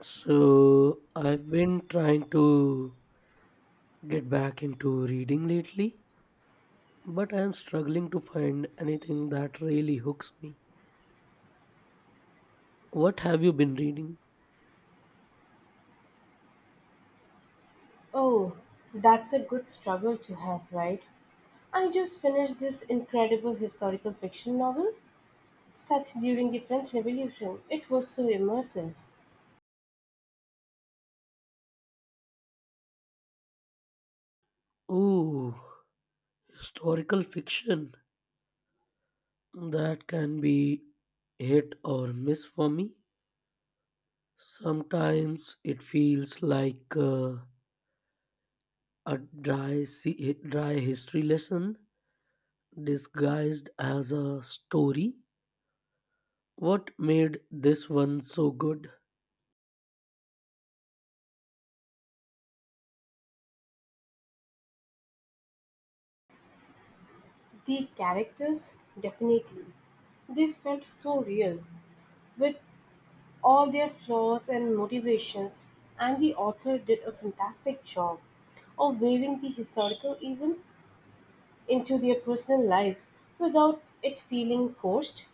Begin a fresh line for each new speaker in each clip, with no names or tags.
So, I've been trying to get back into reading lately, but I'm struggling to find anything that really hooks me. What have you been reading?
Oh, that's a good struggle to have, right? I just finished this incredible historical fiction novel set during the French Revolution. It was so immersive.
Ooh, historical fiction. That can be hit or miss for me. Sometimes it feels like a dry history lesson disguised as a story. What made this one so good?
The characters, definitely. They felt so real, with all their flaws and motivations, and the author did a fantastic job of weaving the historical events into their personal lives without it feeling forced.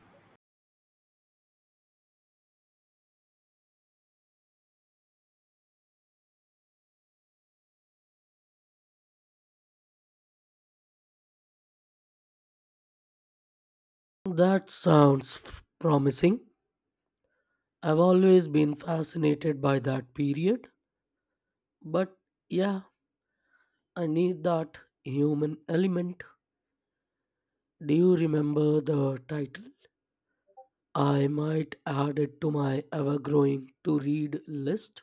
That sounds promising. I've always been fascinated by that period, but yeah, I need that human element. Do you remember the title? I might add it to my ever growing to read list.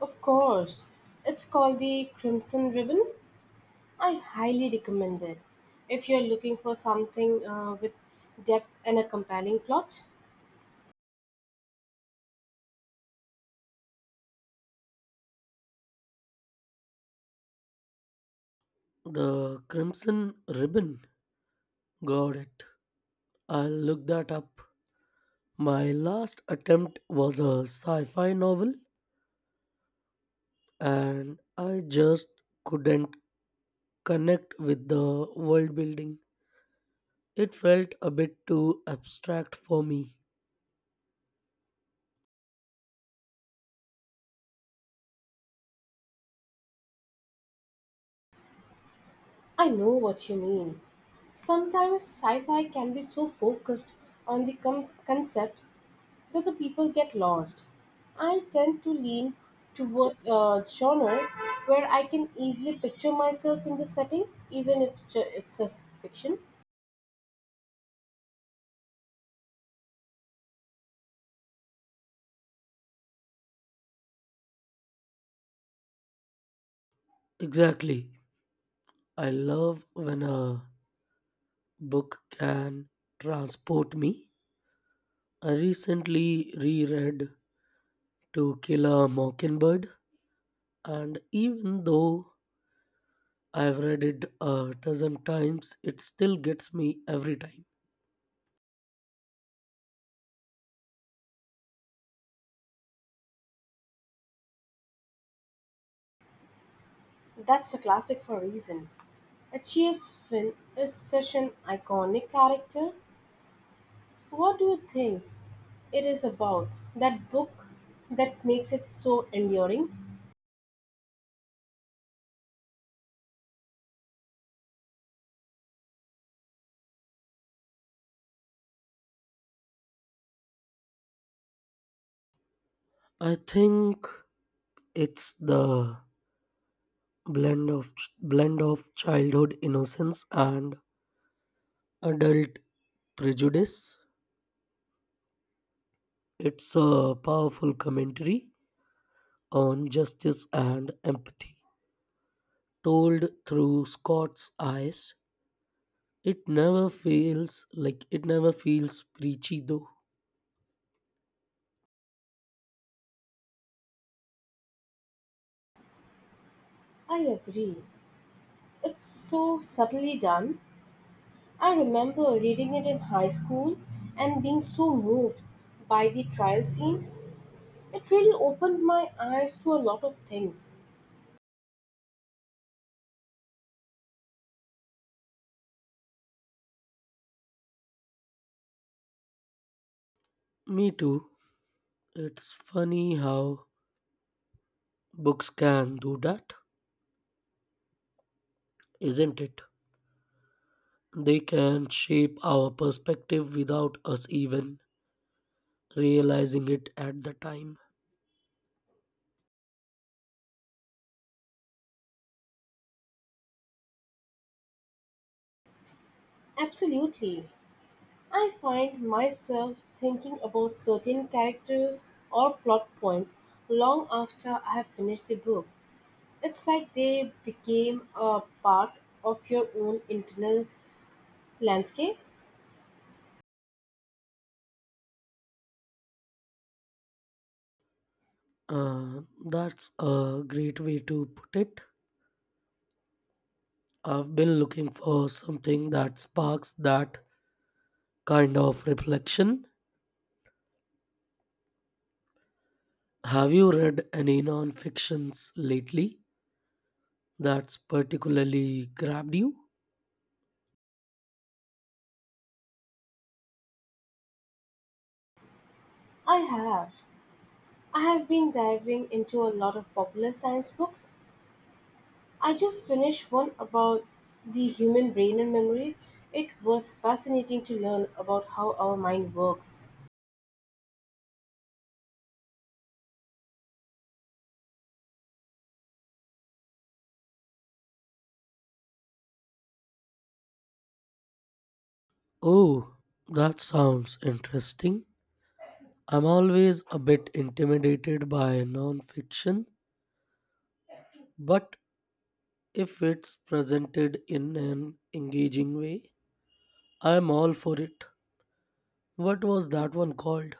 Of course, it's called the Crimson Ribbon. I highly recommend it. If you're looking for something with depth and a compelling plot,
The Crimson Ribbon. Got it. I'll look that up. My last attempt was a sci fi novel, and I just couldn't connect with the world building. It felt a bit too abstract for me.
I know what you mean. Sometimes sci fi can be so focused on the concept that the people get lost. I tend to lean towards a genre where I can easily picture myself in the setting, even if it's a fiction.
Exactly. I love when a book can transport me. I recently reread To Kill a Mockingbird, and even though I've read it a dozen times, it still gets me every time.
That's a classic for a reason. H.G.S. Finn is such an iconic character. What do you think it is about that book that makes it so enduring?
I think it's the blend of blend of childhood innocence and adult prejudice. It's a powerful commentary on justice and empathy. Told through Scott's eyes, it never feels preachy though.
I agree. It's so subtly done. I remember reading it in high school and being so moved by the trial scene. It really opened my eyes to a lot of things.
Me too. It's funny how books can do that, isn't it? They can shape our perspective without us even realizing it at the time.
Absolutely. I find myself thinking about certain characters or plot points long after I have finished the book. It's like they became a part of your own internal landscape.
Uh, that's a great way to put it. I've been looking for something that sparks that kind of reflection. Have you read any non-fictions lately that's particularly grabbed you?
I have. I have been diving into a lot of popular science books. I just finished one about the human brain and memory. It was fascinating to learn about how our mind works.
Oh, that sounds interesting. I'm always a bit intimidated by non-fiction, but if it's presented in an engaging way, I'm all for it. What was that one called?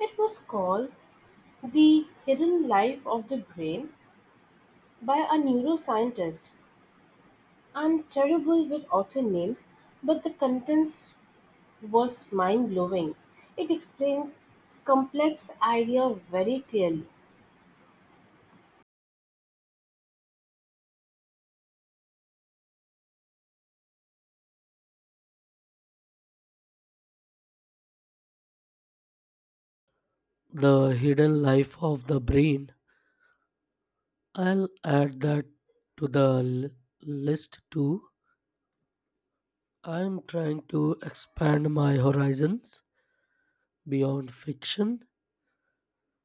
It was called The Hidden Life of the Brain by a neuroscientist. I'm terrible with author names, but the contents was mind blowing. It explained complex idea very clearly.
The Hidden Life of the Brain. I'll add that to list too. I'm trying to expand my horizons beyond fiction.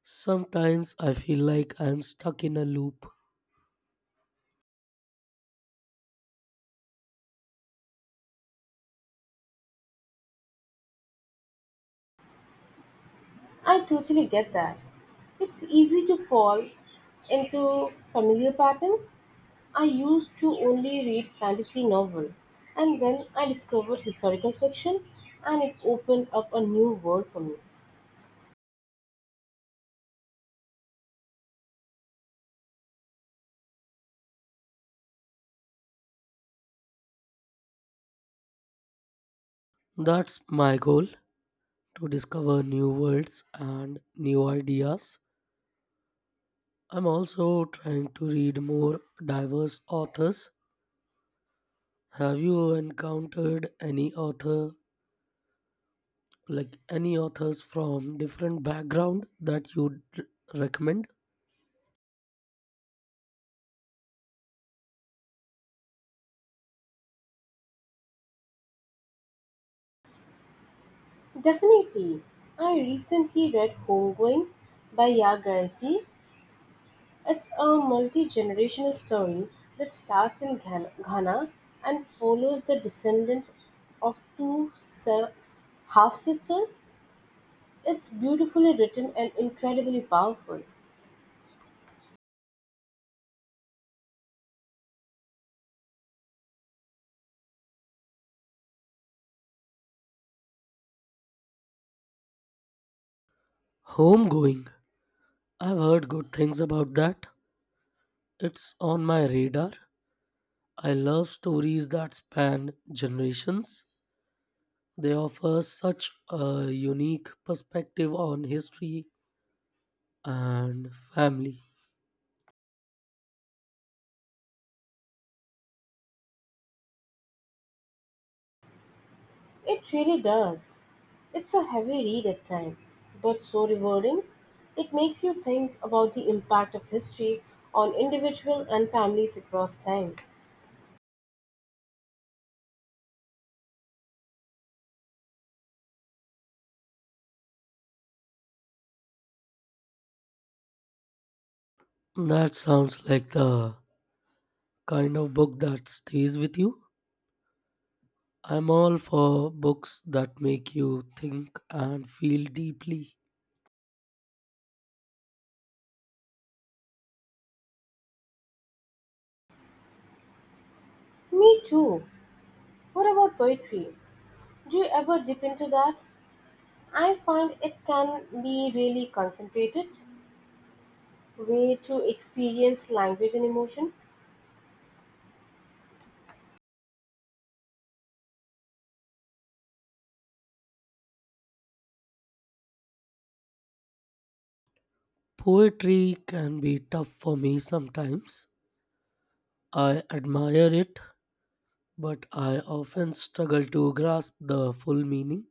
Sometimes I feel like I'm stuck in a loop.
I totally get that. It's easy to fall into familiar pattern. I used to only read fantasy novel and then I discovered historical fiction and it opened up a new world for me.
That's my goal to discover new worlds and new ideas. I'm also trying to read more diverse authors. Have you encountered any author, like any authors from different background that recommend?
Definitely. I recently read Homegoing by Yagaisi. It's a multi generational story that starts in Ghana and follows the descendant of two half sisters. It's beautifully written and incredibly powerful.
Homegoing. I've heard good things about that. It's on my radar. I love stories that span generations. They offer such a unique perspective on history and family.
It really does. It's a heavy read at times, but so rewarding. It makes you think about the impact of history on individual and families across time.
That sounds like the kind of book that stays with you. I'm all for books that make you think and feel deeply.
Me too. What about poetry? Do you ever dip into that? I find it can be really concentrated way to experience language and emotion.
Poetry can be tough for me sometimes. I admire it, but I often struggle to grasp the full meaning.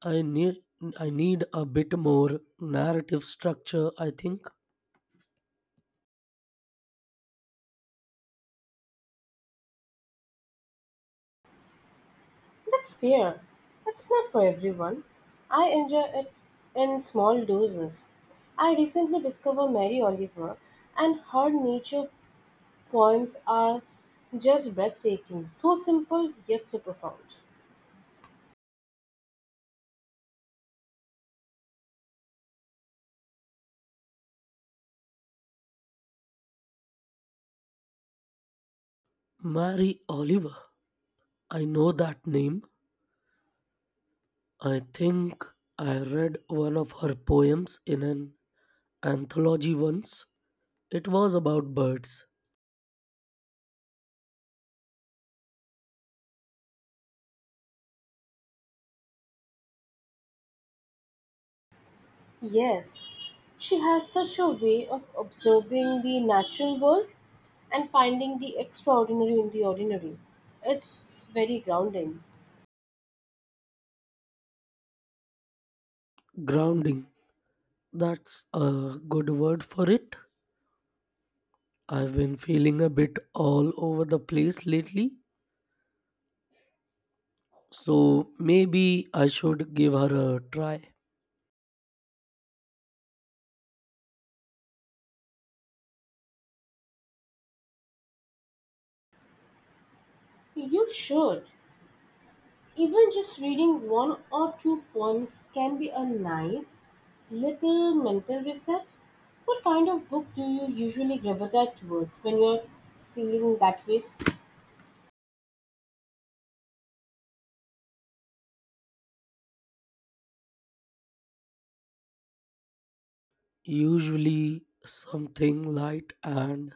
I need I need a bit more narrative structure, I think.
That's fair. It's not for everyone. I enjoy it in small doses. I recently discovered Mary Oliver and her nature poems are just breathtaking, so simple yet so profound.
Mary Oliver. I know that name. I think I read one of her poems in an anthology once. It was about birds.
Yes, she has such a way of observing the natural world and finding the extraordinary in the ordinary. It's very grounding.
Grounding. That's a good word for it. I've been feeling a bit all over the place lately. So maybe I should give her a try.
You should. Even just reading one or two poems can be a nice little mental reset. What kind of book do you usually gravitate towards when you're feeling that way?
Usually something light and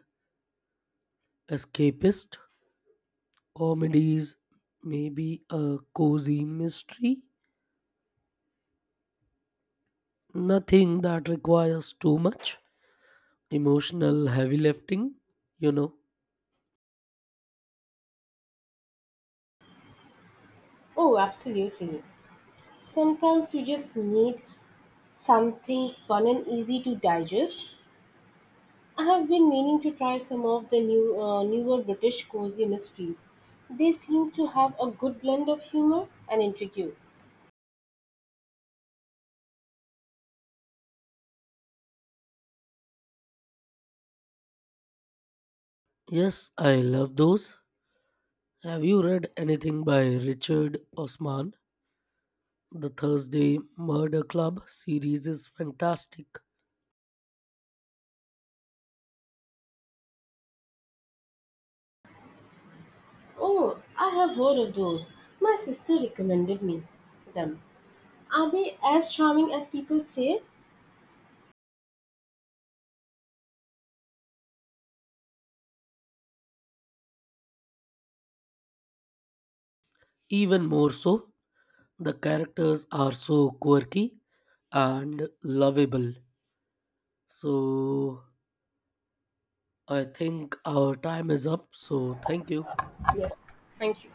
escapist comedies may be a cozy mystery, nothing that requires too much emotional heavy lifting, you know.
Oh, absolutely. Sometimes you just need something fun and easy to digest. I have been meaning to try some of the newer British cozy mysteries. They seem to have a good blend of humor and intrigue.
Yes, I love those. Have you read anything by Richard Osman? The Thursday Murder Club series is fantastic.
Oh, I have heard of those. My sister recommended me them. Are they as charming as people say?
Even more so, the characters are so quirky and lovable. So, I think our time is up. So, thank you.
Yes. Thank you.